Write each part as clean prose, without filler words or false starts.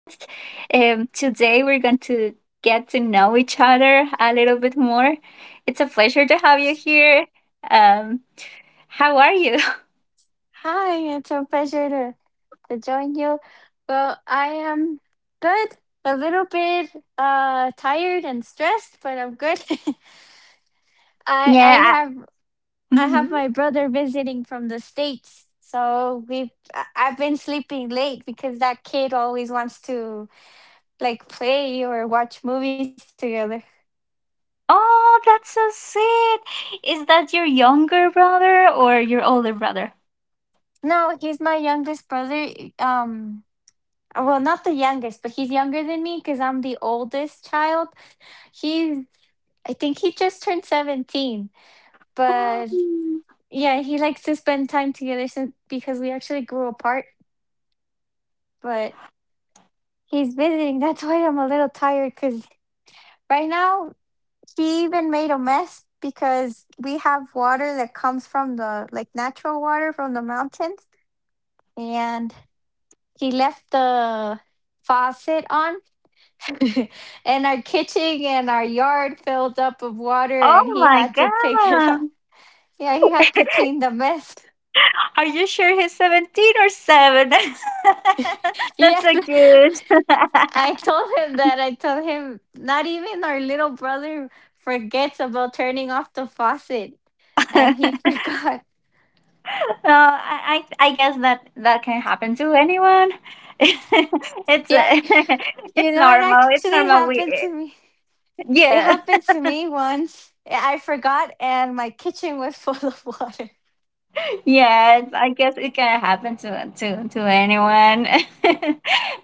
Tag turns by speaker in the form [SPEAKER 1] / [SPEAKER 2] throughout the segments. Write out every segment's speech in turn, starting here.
[SPEAKER 1] Today we're going to get to know each other a little bit more. It's a pleasure to have you here. Um, how are you?
[SPEAKER 2] Hi, it's a pleasure to, join you. Well, I am good, a little bit tired and stressed, but I'm good. I I
[SPEAKER 1] Yeah.
[SPEAKER 2] have I have
[SPEAKER 1] Mhm.
[SPEAKER 2] my brother visiting from the States, so I've been sleeping late because that kid always wants to like play or watch movies together.
[SPEAKER 1] Oh, that's so sweet. Is that your younger brother or your older brother?
[SPEAKER 2] No, he's my youngest brother. Um, well, not the youngest, but he's younger than me because I'm the oldest child. He's I think he just turned 17. But
[SPEAKER 1] Um,
[SPEAKER 2] yeah, he likes to spend time together since because we actually grew apart, but he's visiting. That's why I'm a little tired cuz right now he even made a mess because we have water that comes from the like natural water from the mountains and he left the faucet on and our kitchen and our yard filled up of water and
[SPEAKER 1] Oh
[SPEAKER 2] he
[SPEAKER 1] my
[SPEAKER 2] had to pick it
[SPEAKER 1] God.
[SPEAKER 2] up. Yeah, he had to clean the mess.
[SPEAKER 1] Are you sure he's 17 or 7? That's so
[SPEAKER 2] Yes.
[SPEAKER 1] cute.
[SPEAKER 2] I told him that. I told him not even our little brother forgets about turning off the faucet, and he forgot.
[SPEAKER 1] I guess that can happen to anyone. It's
[SPEAKER 2] Yeah,
[SPEAKER 1] it's
[SPEAKER 2] it
[SPEAKER 1] normal. It's
[SPEAKER 2] actually
[SPEAKER 1] normal.
[SPEAKER 2] happened
[SPEAKER 1] We
[SPEAKER 2] to me. It
[SPEAKER 1] yeah
[SPEAKER 2] happened to me once. I forgot, and my kitchen was full of water.
[SPEAKER 1] yes. I guess it can happen to anyone.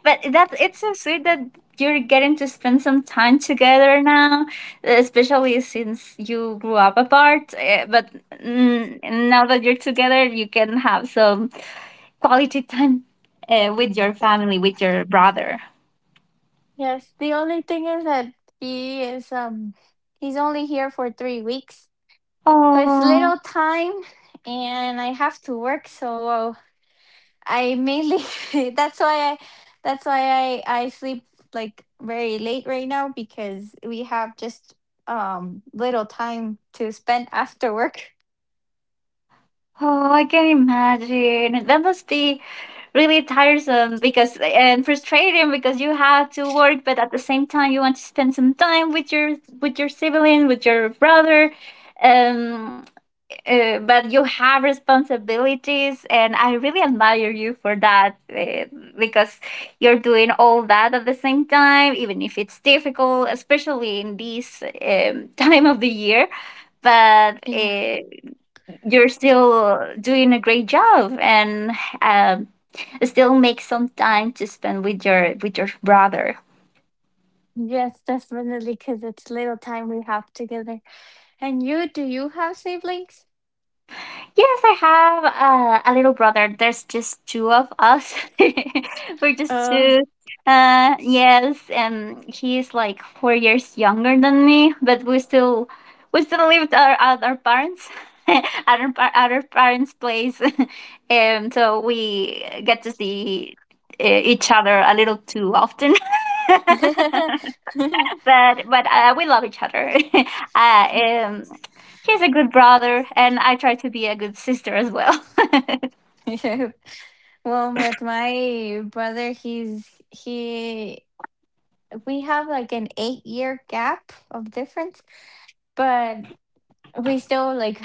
[SPEAKER 1] But that, it's so sweet that you're getting to spend some time together now, especially since you grew up apart. But now that you're together, you can have some quality time with your family, with your brother.
[SPEAKER 2] Yes. The only thing is that he is um he's only here for 3 weeks, so it's
[SPEAKER 1] Oh,
[SPEAKER 2] little time, and I have to work. So I mainly that's why I that's why I sleep like very late right now because we have just little time to spend after work.
[SPEAKER 1] oh, I can imagine. That must be really tiresome because, and frustrating, because you have to work, but at the same time you want to spend some time with your sibling, with your brother. Um, but you have responsibilities, and I really admire you for that because you're doing all that at the same time, even if it's difficult, especially in this time of the year, but
[SPEAKER 2] Yeah.
[SPEAKER 1] you're still doing a great job and um, still make some time to spend with your brother.
[SPEAKER 2] Yes, definitely because it's little time we have together. And you do you have siblings?
[SPEAKER 1] Yes, I have a little brother. There's just two of us. We're just
[SPEAKER 2] Uh
[SPEAKER 1] two. Yes, and he's like 4 years younger than me, but we still live at our parents, at our parents' place, and so we get to see each other a little too often. But we love each other. uh, um, he's a good brother, and I try to be a good sister as well.
[SPEAKER 2] yeah. Well, with my brother he we have like an 8-year gap of difference, but we still like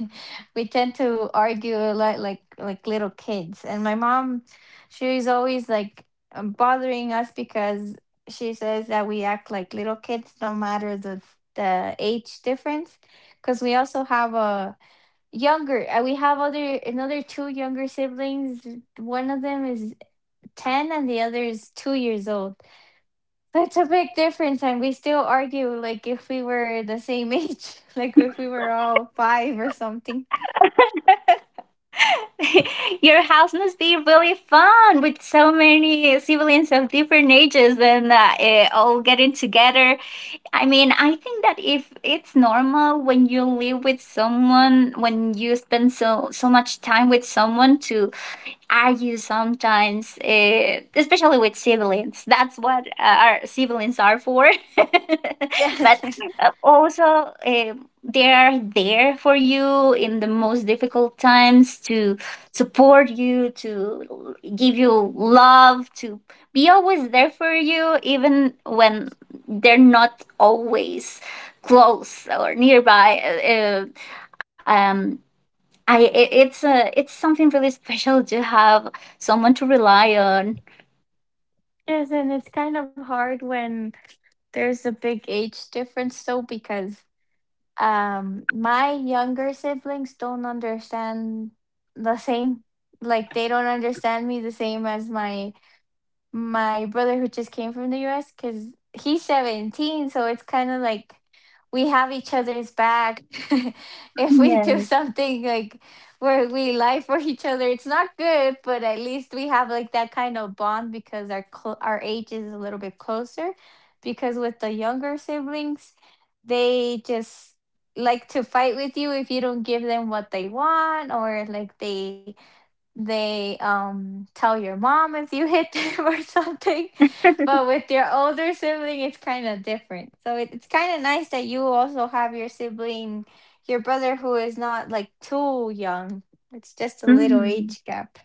[SPEAKER 2] we tend to argue a lot, like little kids. And my mom, she's always like bothering us because she says that we act like little kids no matter the age difference, because we also have a younger we have other another two younger siblings. One of them is 10 and the other is 2 years old. That's a big difference, and we still argue like if we were the same age, like if we were all five or something.
[SPEAKER 1] Your house must be really fun with so many siblings of different ages and all getting together. I mean, I think that if it's normal when you live with someone, when you spend much time with someone, to argue sometimes, especially with siblings. That's what our siblings are for. But
[SPEAKER 2] Yes.
[SPEAKER 1] uh, also, uh, they are there for you in the most difficult times, to support you, to give you love, to be always there for you, even when they're not always close or nearby. Um, I it it's a, it's something really special to have someone to rely on.
[SPEAKER 2] Yes, and it's kind of hard when there's a big age difference, though, because my younger siblings don't understand the same. Like, they don't understand me the same as my brother who just came from the US, because he's 17, so it's kind of like we have each other's back. If we do
[SPEAKER 1] Yeah.
[SPEAKER 2] something like where we lie for each other, it's not good, but at least we have like that kind of bond because our age is a little bit closer. Because with the younger siblings, they just like to fight with you if you don't give them what they want, or like they tell your mom if you hit them or something. But with your older sibling it's kind of different, so it's kind of nice that you also have your sibling, your brother, who is not like too young. It's just a little
[SPEAKER 1] hmm
[SPEAKER 2] age gap.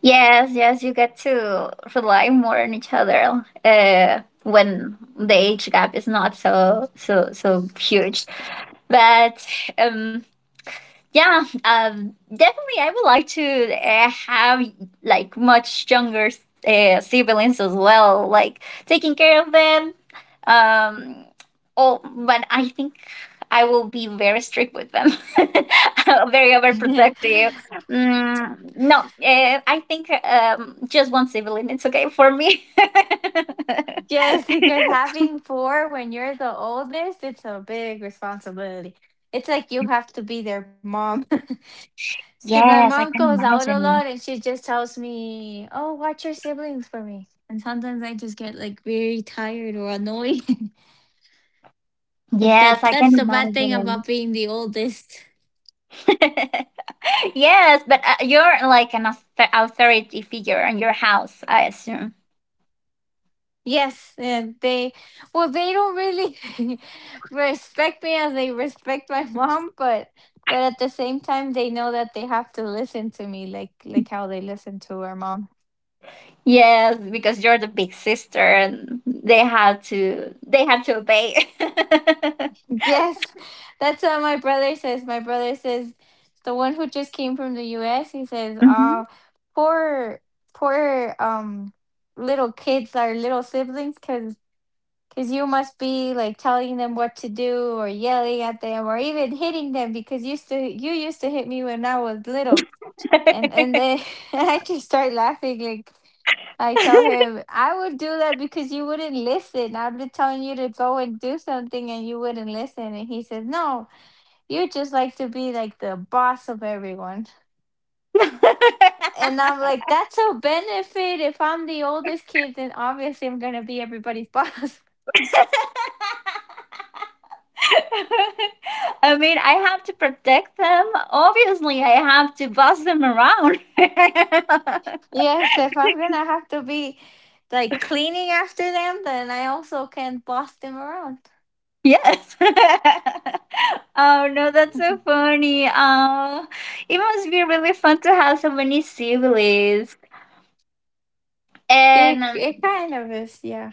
[SPEAKER 1] Yes, yes, you get to rely more on each other when the age gap is not so huge. But um, yeah, definitely. I would like to have like much younger siblings as well, like taking care of them. Um, oh, but I think I will be very strict with them, very overprotective. Mm, no, I think just one sibling, it's okay for me.
[SPEAKER 2] Yes, because having four when you're the oldest, it's a big responsibility. It's like you have to be their mom. If my mom
[SPEAKER 1] Yes, I can
[SPEAKER 2] goes out a lot
[SPEAKER 1] imagine.
[SPEAKER 2] and she just tells me, "Oh, watch your siblings for me," and sometimes I just get like very tired or annoyed. But
[SPEAKER 1] Yes, I
[SPEAKER 2] that's
[SPEAKER 1] can
[SPEAKER 2] the bad thing
[SPEAKER 1] imagine.
[SPEAKER 2] about being the oldest.
[SPEAKER 1] Yes, but you're like an authority figure in your house, I assume.
[SPEAKER 2] Yes, and they don't really respect me as they respect my mom, but at the same time they know that they have to listen to me, like how they listen to our mom.
[SPEAKER 1] Yes, because you're the big sister, and they had to obey.
[SPEAKER 2] Yes, that's what my brother says. My brother says, the one who just came from the US, he says,
[SPEAKER 1] Mhm.
[SPEAKER 2] "Ah, poor poor little kids, our little siblings, cuz you must be like telling them what to do or yelling at them or even hitting them, because used to you used to hit me when I was little." And then I just start laughing. Like I tell him, I would do that because you wouldn't listen. I'd be telling you to go and do something, and you wouldn't listen. And he says, No, you just like to be like the boss of everyone. And I'm like, That's a benefit. If I'm the oldest kid, then obviously I'm gonna be everybody's boss.
[SPEAKER 1] I mean, I have to protect them. Obviously, I have to boss them around.
[SPEAKER 2] Yes, if I'm gonna have to be like cleaning after them, then I also can boss them around.
[SPEAKER 1] Yes. Oh no, that's so funny. It must be really fun to have so many siblings.
[SPEAKER 2] It
[SPEAKER 1] And
[SPEAKER 2] it kind of is, yeah.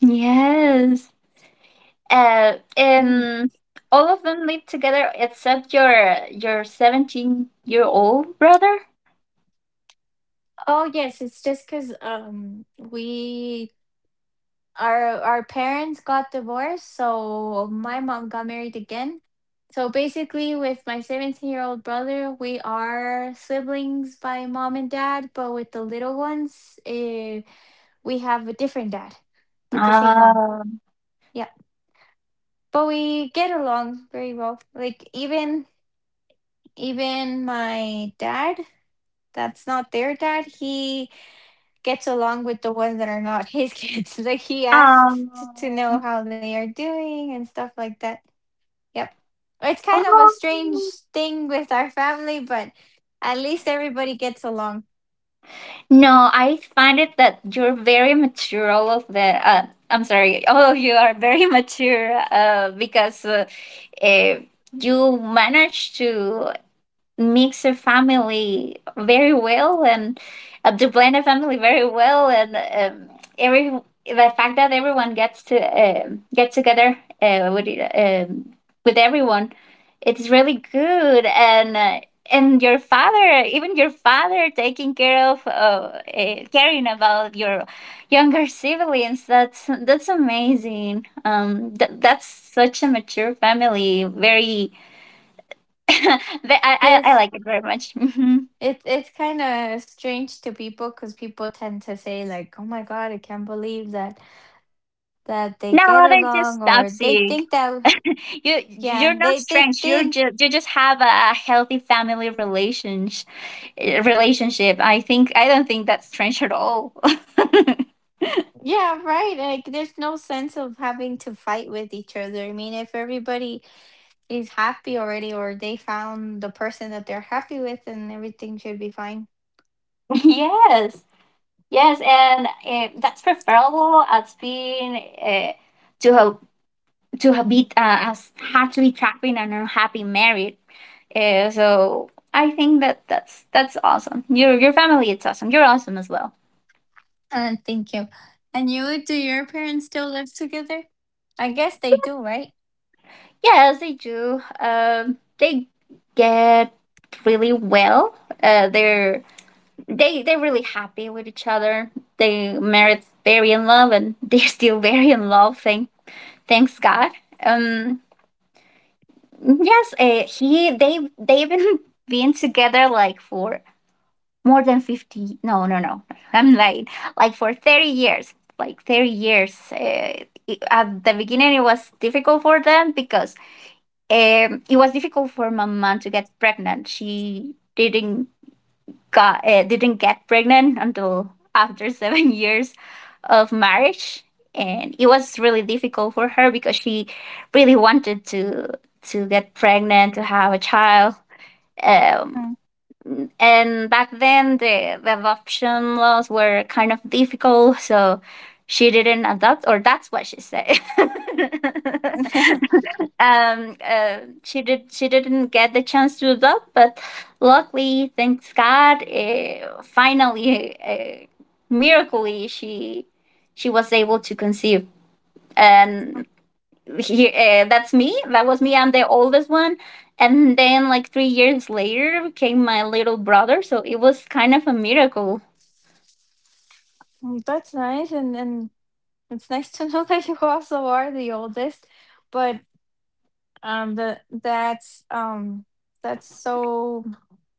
[SPEAKER 1] yes,
[SPEAKER 2] Mhm.
[SPEAKER 1] and all of them live together except your 17 year old brother.
[SPEAKER 2] Oh yes, it's just because we our parents got divorced, so my mom got married again. So basically, with my 17-year-old brother, we are siblings by mom and dad, but with the little ones, we have a different dad, but the same mom.
[SPEAKER 1] Ah.
[SPEAKER 2] Yeah, but we get along very well. Like even my dad, that's not their dad. He gets along with the ones that are not his kids. Like he asks to know
[SPEAKER 1] Um,
[SPEAKER 2] how they are doing and stuff like that. Yep. It's kind of a strange
[SPEAKER 1] oh.
[SPEAKER 2] thing with our family, but at least everybody gets along.
[SPEAKER 1] No, I find it that you're very mature. I'm sorry, all of you are very mature because eh, you manage to mix a family very well and to blend a family very well, and every the fact that everyone gets to get together uh, with um, with everyone, it's really good. And your father, even your father taking care of, caring about your younger siblings, that's amazing. That's such a mature family. Very I
[SPEAKER 2] Yes.
[SPEAKER 1] like it very much.
[SPEAKER 2] It's kind of strange to people because people tend to say like, "Oh my god, I can't believe that they get
[SPEAKER 1] No,
[SPEAKER 2] along,"
[SPEAKER 1] they're
[SPEAKER 2] or
[SPEAKER 1] just
[SPEAKER 2] they think that
[SPEAKER 1] toxic. You
[SPEAKER 2] yeah,
[SPEAKER 1] you're not
[SPEAKER 2] they
[SPEAKER 1] strange.
[SPEAKER 2] think
[SPEAKER 1] You're just you just have a healthy relationship. I don't think that's strange at all.
[SPEAKER 2] yeah, right. Like there's no sense of having to fight with each other. I mean, if everybody Is happy already, or they found the person that they're happy with, and everything should be fine.
[SPEAKER 1] Yes, yes, and that's preferable as being uh, to have to have be as happily trapping and unhappy married. So I think that that's awesome. Your family, it's awesome. You're awesome as well.
[SPEAKER 2] Thank you. And you, do your parents still live together? I guess they do, right?
[SPEAKER 1] Yes, they do. They get really well. Uh, they're they they're really happy with each other. They married very in love, and they're still very in love. Thank thanks God. Um, yes, he they they've been been together like for more than fifty. No, no, no. I'm lying. Like for 30 years. Like 30 years. It- at the beginning, it was difficult for them because it was difficult for my mom to get pregnant. She didn't get pregnant until after 7 years of marriage, and it was really difficult for her because she really wanted to get pregnant, to have a child. Um,
[SPEAKER 2] Mm.
[SPEAKER 1] and back then, the adoption laws were kind of difficult, so she didn't adopt, or that's what she said. She did she didn't get the chance to adopt, but luckily, thanks God, finally, miraculously, she was able to conceive, and here, that's me, that was me I'm the oldest one, and then like 3 years later came my little brother, so it was kind of a miracle.
[SPEAKER 2] Mm, that's nice, and it's nice to know that you also are the oldest. But the that's so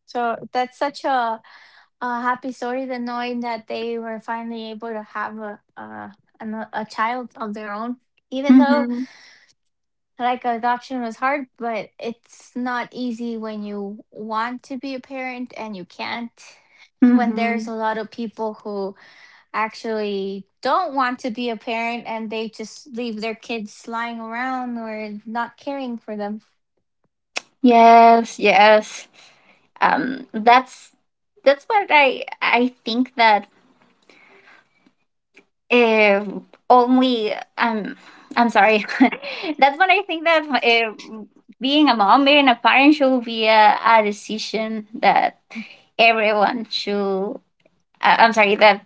[SPEAKER 2] so that's such a happy story, than knowing that they were finally able to have a, a child of their own. Even though
[SPEAKER 1] Mm-hmm.
[SPEAKER 2] like adoption was hard, but it's not easy when you want to be a parent and you can't. When there's
[SPEAKER 1] Mm-hmm.
[SPEAKER 2] a lot of people who actually don't want to be a parent and they just leave their kids lying around or not caring for them.
[SPEAKER 1] Yes, yes, that's what I think, that uh, only I'm sorry, that's what I think, that being a mom, being a parent should be a decision that everyone should, I'm sorry, that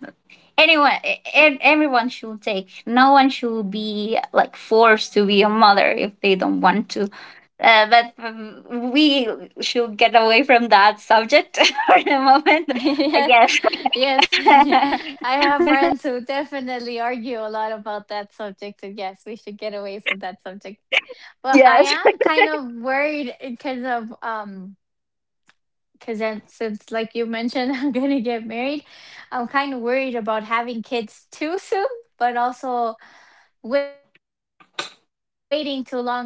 [SPEAKER 1] anyone, everyone should take. No one should be like forced to be a mother if they don't want to, but we should get away from that subject for the moment, I
[SPEAKER 2] Yes,
[SPEAKER 1] guess.
[SPEAKER 2] yes, I have friends who definitely argue a lot about that subject, and yes, we should get away from that subject. Well, I
[SPEAKER 1] Yes.
[SPEAKER 2] am kind of worried because of because since like you mentioned, I'm gonna get married. I'm kind of worried about having kids too soon, but also waiting too long and then not being able to have kids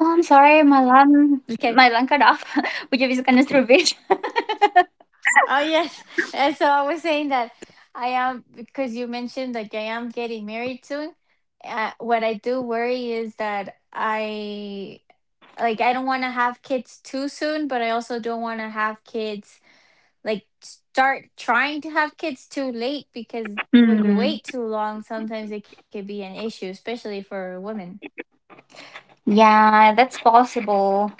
[SPEAKER 1] Oh, I'm sorry, my
[SPEAKER 2] because
[SPEAKER 1] line, cut off. Would you please can just repeat?
[SPEAKER 2] Oh yes, and so I was saying that I am because you mentioned like I am getting married soon. What I do worry is that I don't want to have kids too soon, but I also don't want to have kids like start trying to have kids too late, because when you
[SPEAKER 1] Hmm.
[SPEAKER 2] wait too long, sometimes it could be an issue, especially for women.
[SPEAKER 1] Yeah, that's possible.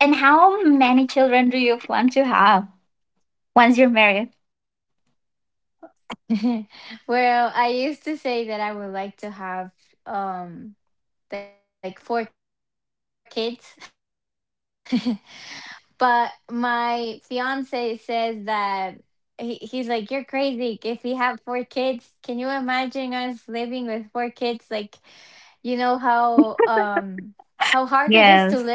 [SPEAKER 1] And how many children do you plan to have once you're married? Yes.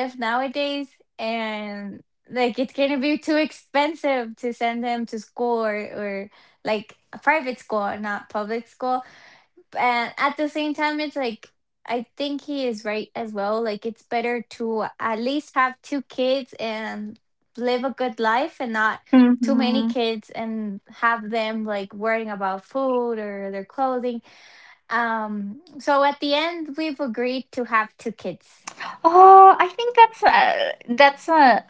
[SPEAKER 1] Mm-hmm. Oh, I think that's a,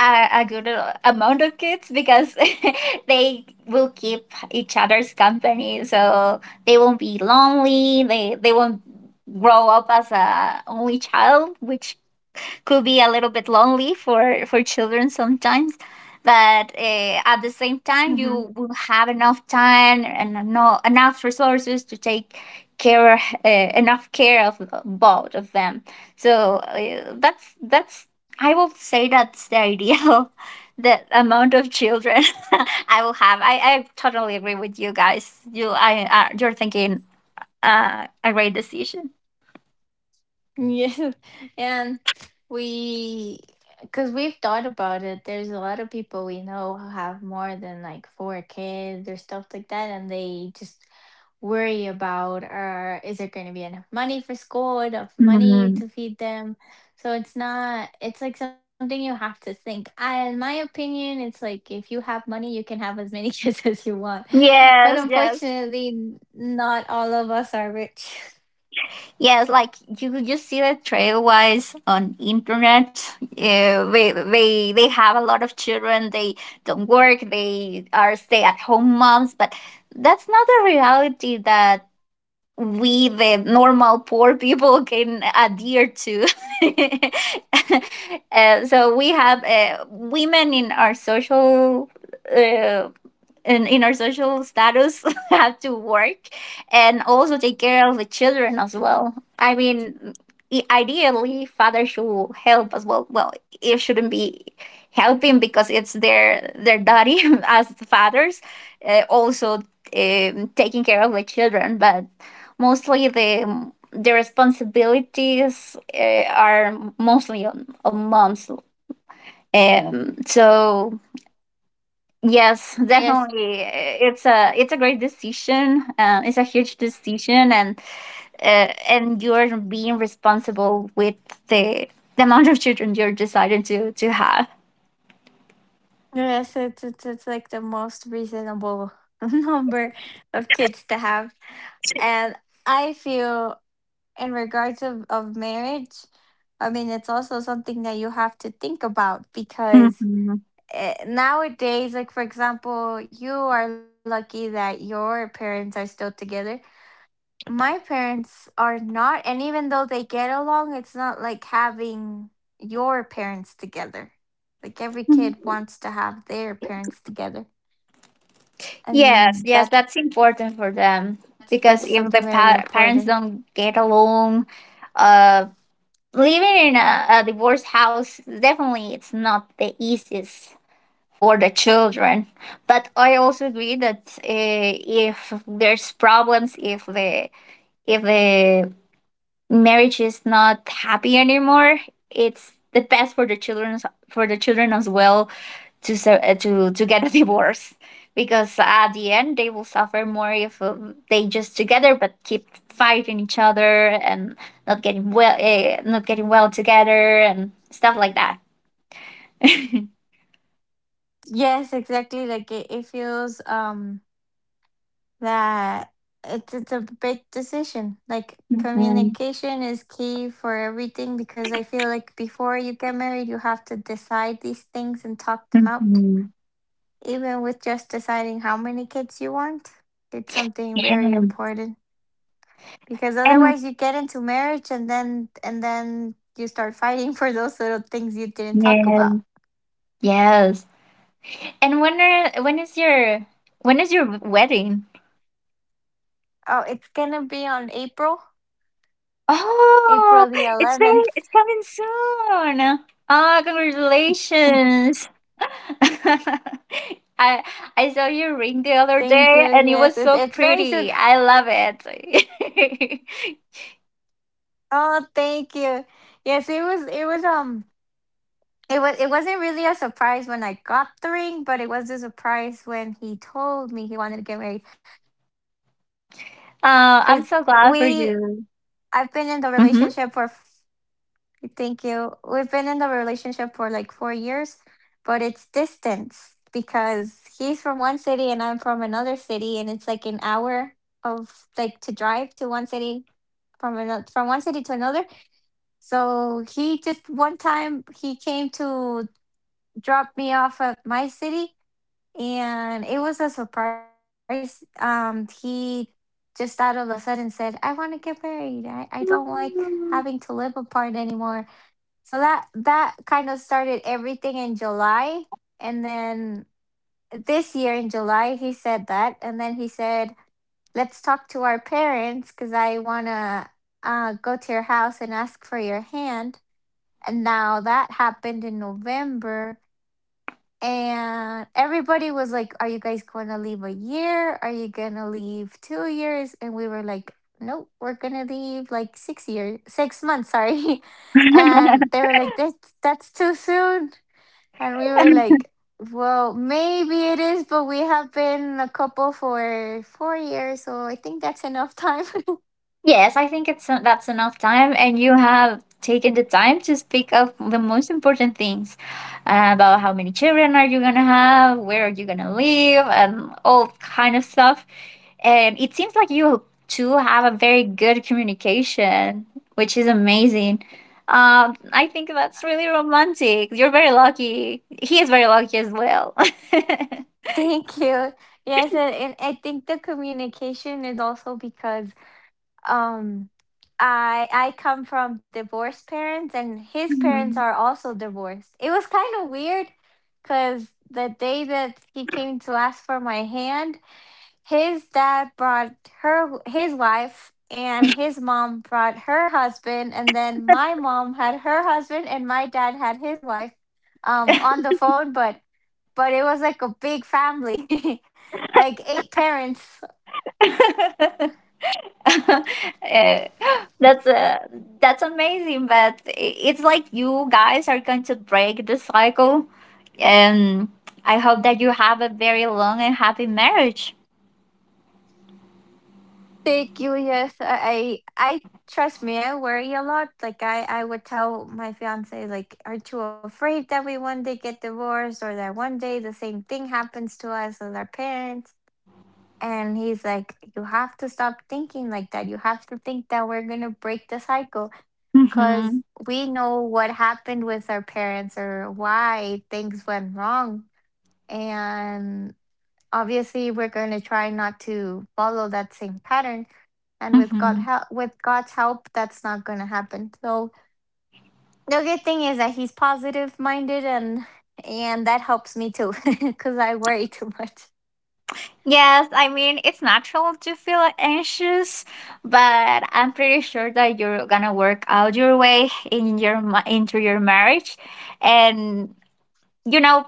[SPEAKER 1] a good amount of kids, because they will keep each other's company, so they won't be lonely. They won't grow up as a only child, which could be a little bit lonely for children sometimes. But at the same time, you will have enough time and, no, enough resources to take care, enough care of both of them, so that's, I will say that's the ideal the amount of children I will have. I totally agree with you guys, you're thinking, a great decision. Hmm. Yes, yes. Yes, like you see the Trailwise on internet. They have a lot of children. They don't work. They are stay at home moms. But that's not the reality that we, the normal poor people, can adhere to. So we have women in our social, uh, in our social status, have to work and also take care of the children as well. I mean, ideally father should help as well. Well, it shouldn't be helping, because it's their duty as fathers, also taking care of the children, but mostly the responsibilities are mostly on, moms. So yes, definitely, it's a, it's a great decision. It's a huge decision, and you're being responsible with the amount of children you're deciding to have. Mhm. Mhm. Yes, yes, that's important for them, because if the parents don't get along, um, living in a divorced house definitely it's not the easiest for the children. But I also agree that if there's problems, if the, if the marriage is not happy anymore, it's the best for the children, as well to to get a divorce, because at the end they will suffer more if they just together but keep fighting each other and not getting well, not getting well together and stuff like that. Mm-hmm. Mm-hmm. Yes. And yes. Yes. And when are, when is your wedding? Oh, it's very, it's coming soon. Ah, congratulations. I I saw your ring the other day and it was so pretty. I love it. I'm so glad for you. Mm-hmm. Yes, I think it's that's enough time, and you have taken the time to speak of the most important things about how many children are you gonna have, where are you gonna live, and all kind of stuff. And it seems like you two have a very good communication, which is amazing. I think that's really romantic. You're very lucky. He is very lucky as well. Mhm. Eh, that's uh, that's amazing but it's like you guys are going to break the cycle, and I hope that you have a very long and happy marriage. Hmm. Hmm. Yes, I mean it's natural to feel anxious, but I'm pretty sure that you're gonna work out your way in your into your marriage. And you know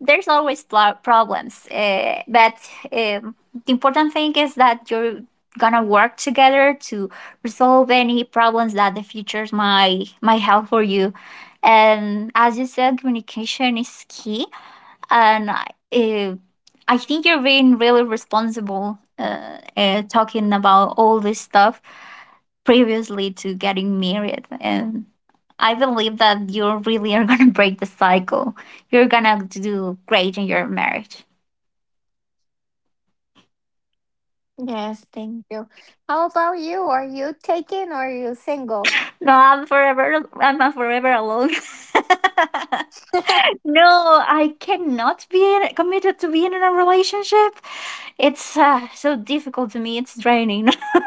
[SPEAKER 1] there's always problems, but um, the important thing is that you're gonna work together to resolve any problems that the futures might have for you. And as you said, communication is key, and I think you're being really responsible talking about all this stuff previously to getting married, and I believe that you really are gonna break the cycle. You're gonna do great in your marriage. No, I'm forever. I'm forever alone. No, I cannot be committed to being in a relationship. It's so difficult to me. It's draining.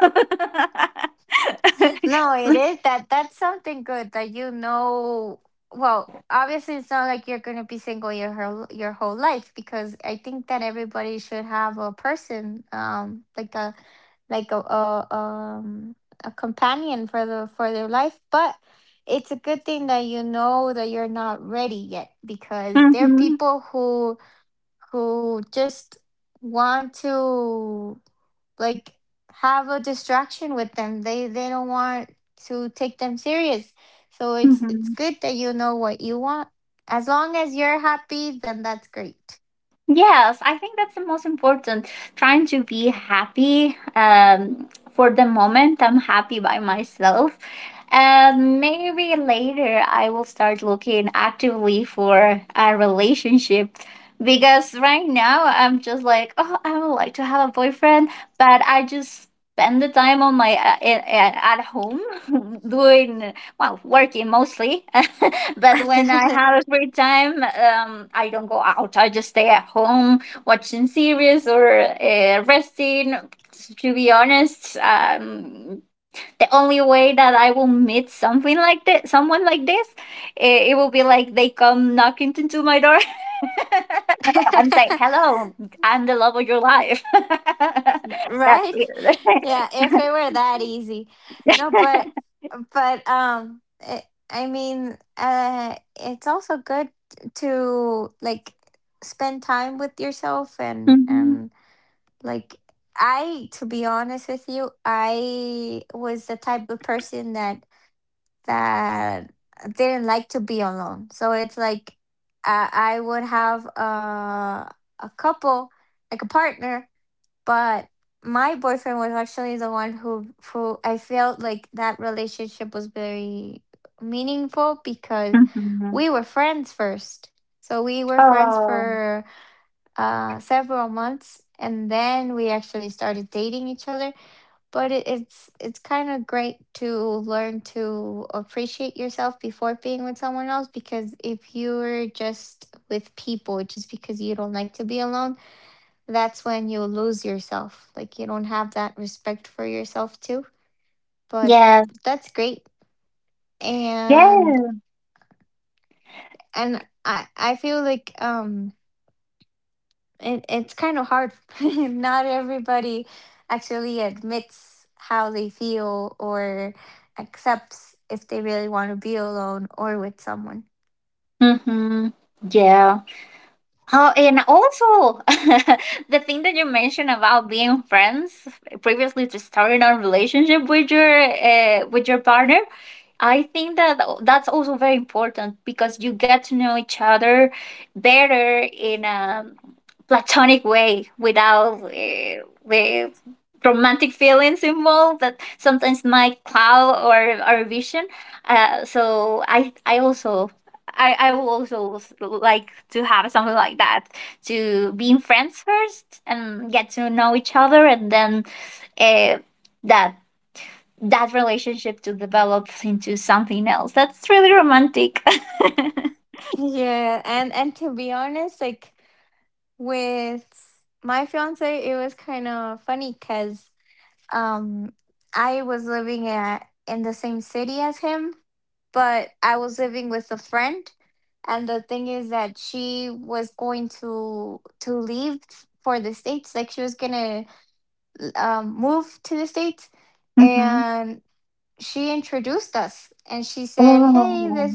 [SPEAKER 1] Mhm, mhm. Yes, I think that's the most important. Trying to be happy for the moment. I'm happy by myself. Maybe later I will start looking actively for a relationship because right now I'm just like, oh, I would like to have a boyfriend, but I just spend the time on my at home doing well, working mostly. But when I have free time, I don't go out. I just stay at home watching series or resting, to be honest. The only way that I will meet something like this, someone like this, it will be like they come knocking into my door and say, hello, I'm the love of your life. That's it. Mhm. Mhm. Oh, yes. Yes. Mhm. Yeah. Oh, and also the thing that you mentioned about being friends previously to starting a relationship with your partner, I think that that's also very important because you get to know each other better in a platonic way without the romantic feelings involved that sometimes might cloud or our vision. So I will also like to have something like that, to being friends first and get to know each other, and then uh, that that relationship to develop into something else. That's really romantic. Mhm. Oh.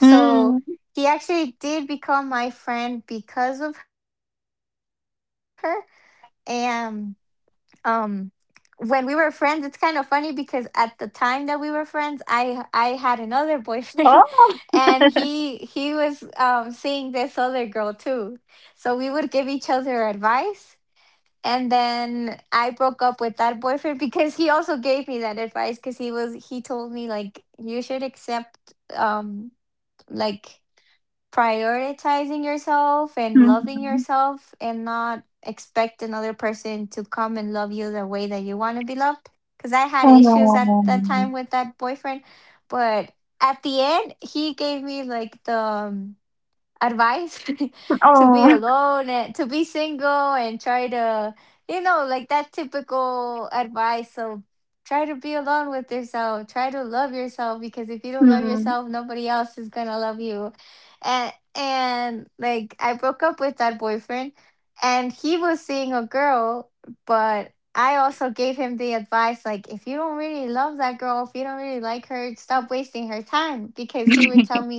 [SPEAKER 1] Mm. Oh. Mhm. Oh. Oh. Mm.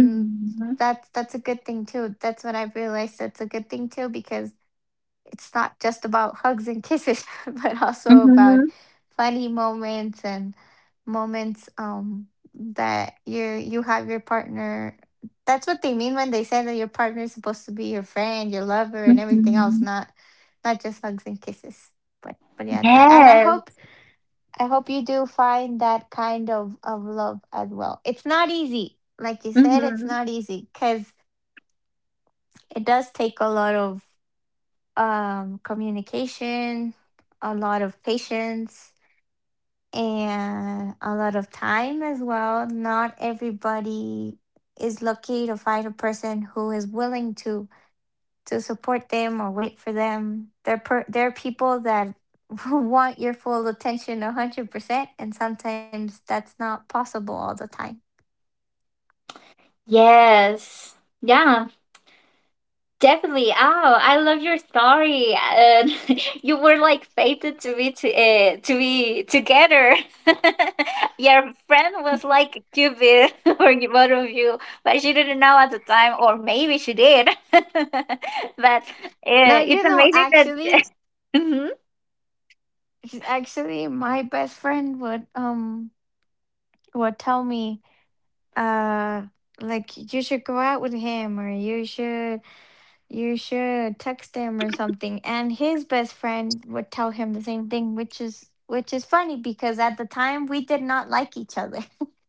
[SPEAKER 1] Mhm. Mhm. Mhm. Yes. Mhm. Yes. Yeah, definitely. Oh, I love your story. And you were like fated to be together. Your friend was like Cupid for the both of you, but she didn't know at the time, or maybe she did. But uh, it's amazing that Mhm.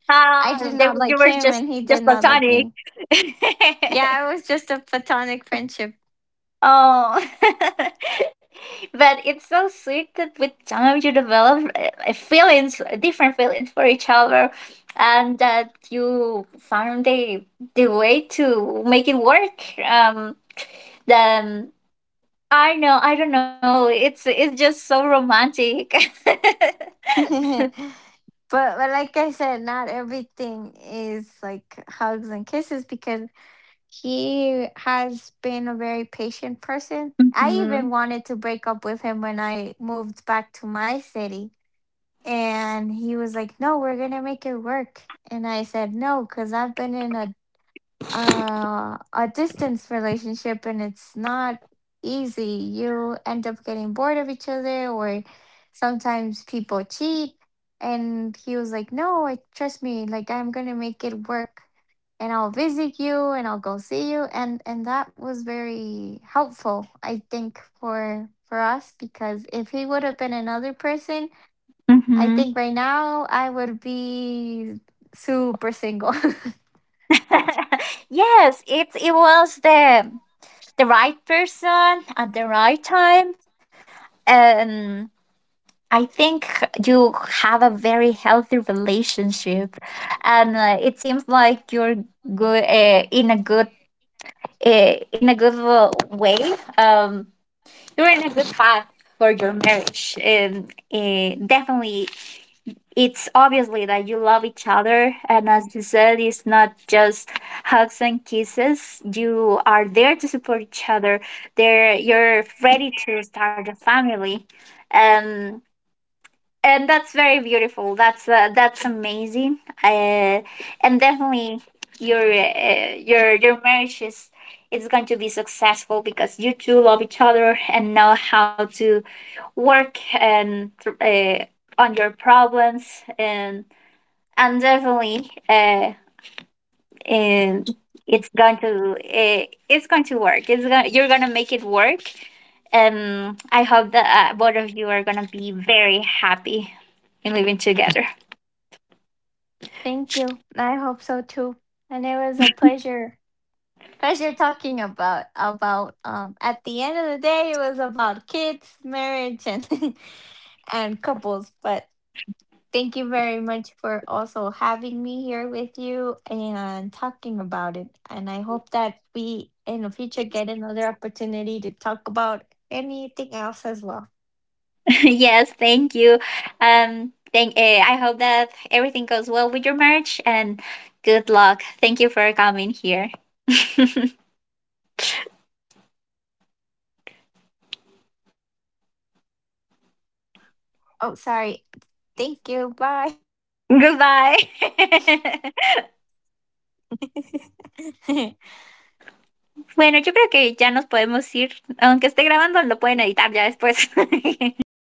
[SPEAKER 1] you were just platonic. Oh, but it's so sweet that with time you develop feelings, different feelings for each other, and that you found the way to make it work. Then I know, I don't know. It's just so romantic. Mm-hmm. Mm-hmm. Yes, it was the right person at the right time, and I think you have a very healthy relationship, and it seems like you're good in a good in a good way. Um, you're in a good path for your marriage, and definitely, it's obviously that you love each other. And as you said, it's not just hugs and kisses. You are there to support each other. There, you're ready to start a family, and that's very beautiful. That's amazing. And definitely your your marriage is going to be successful because you two love each other and know how to work, and uh, on your problems. And and definitely uh, and it's going to work. It's going You're going to make it work. Um, I hope that both of you are gonna be very happy in living together. Yes, thank you. Thank. I hope that everything goes well with your marriage, and good luck. Thank you for coming here. Goodbye. Bueno, yo creo que ya nos podemos ir. Aunque esté grabando, lo pueden editar ya después.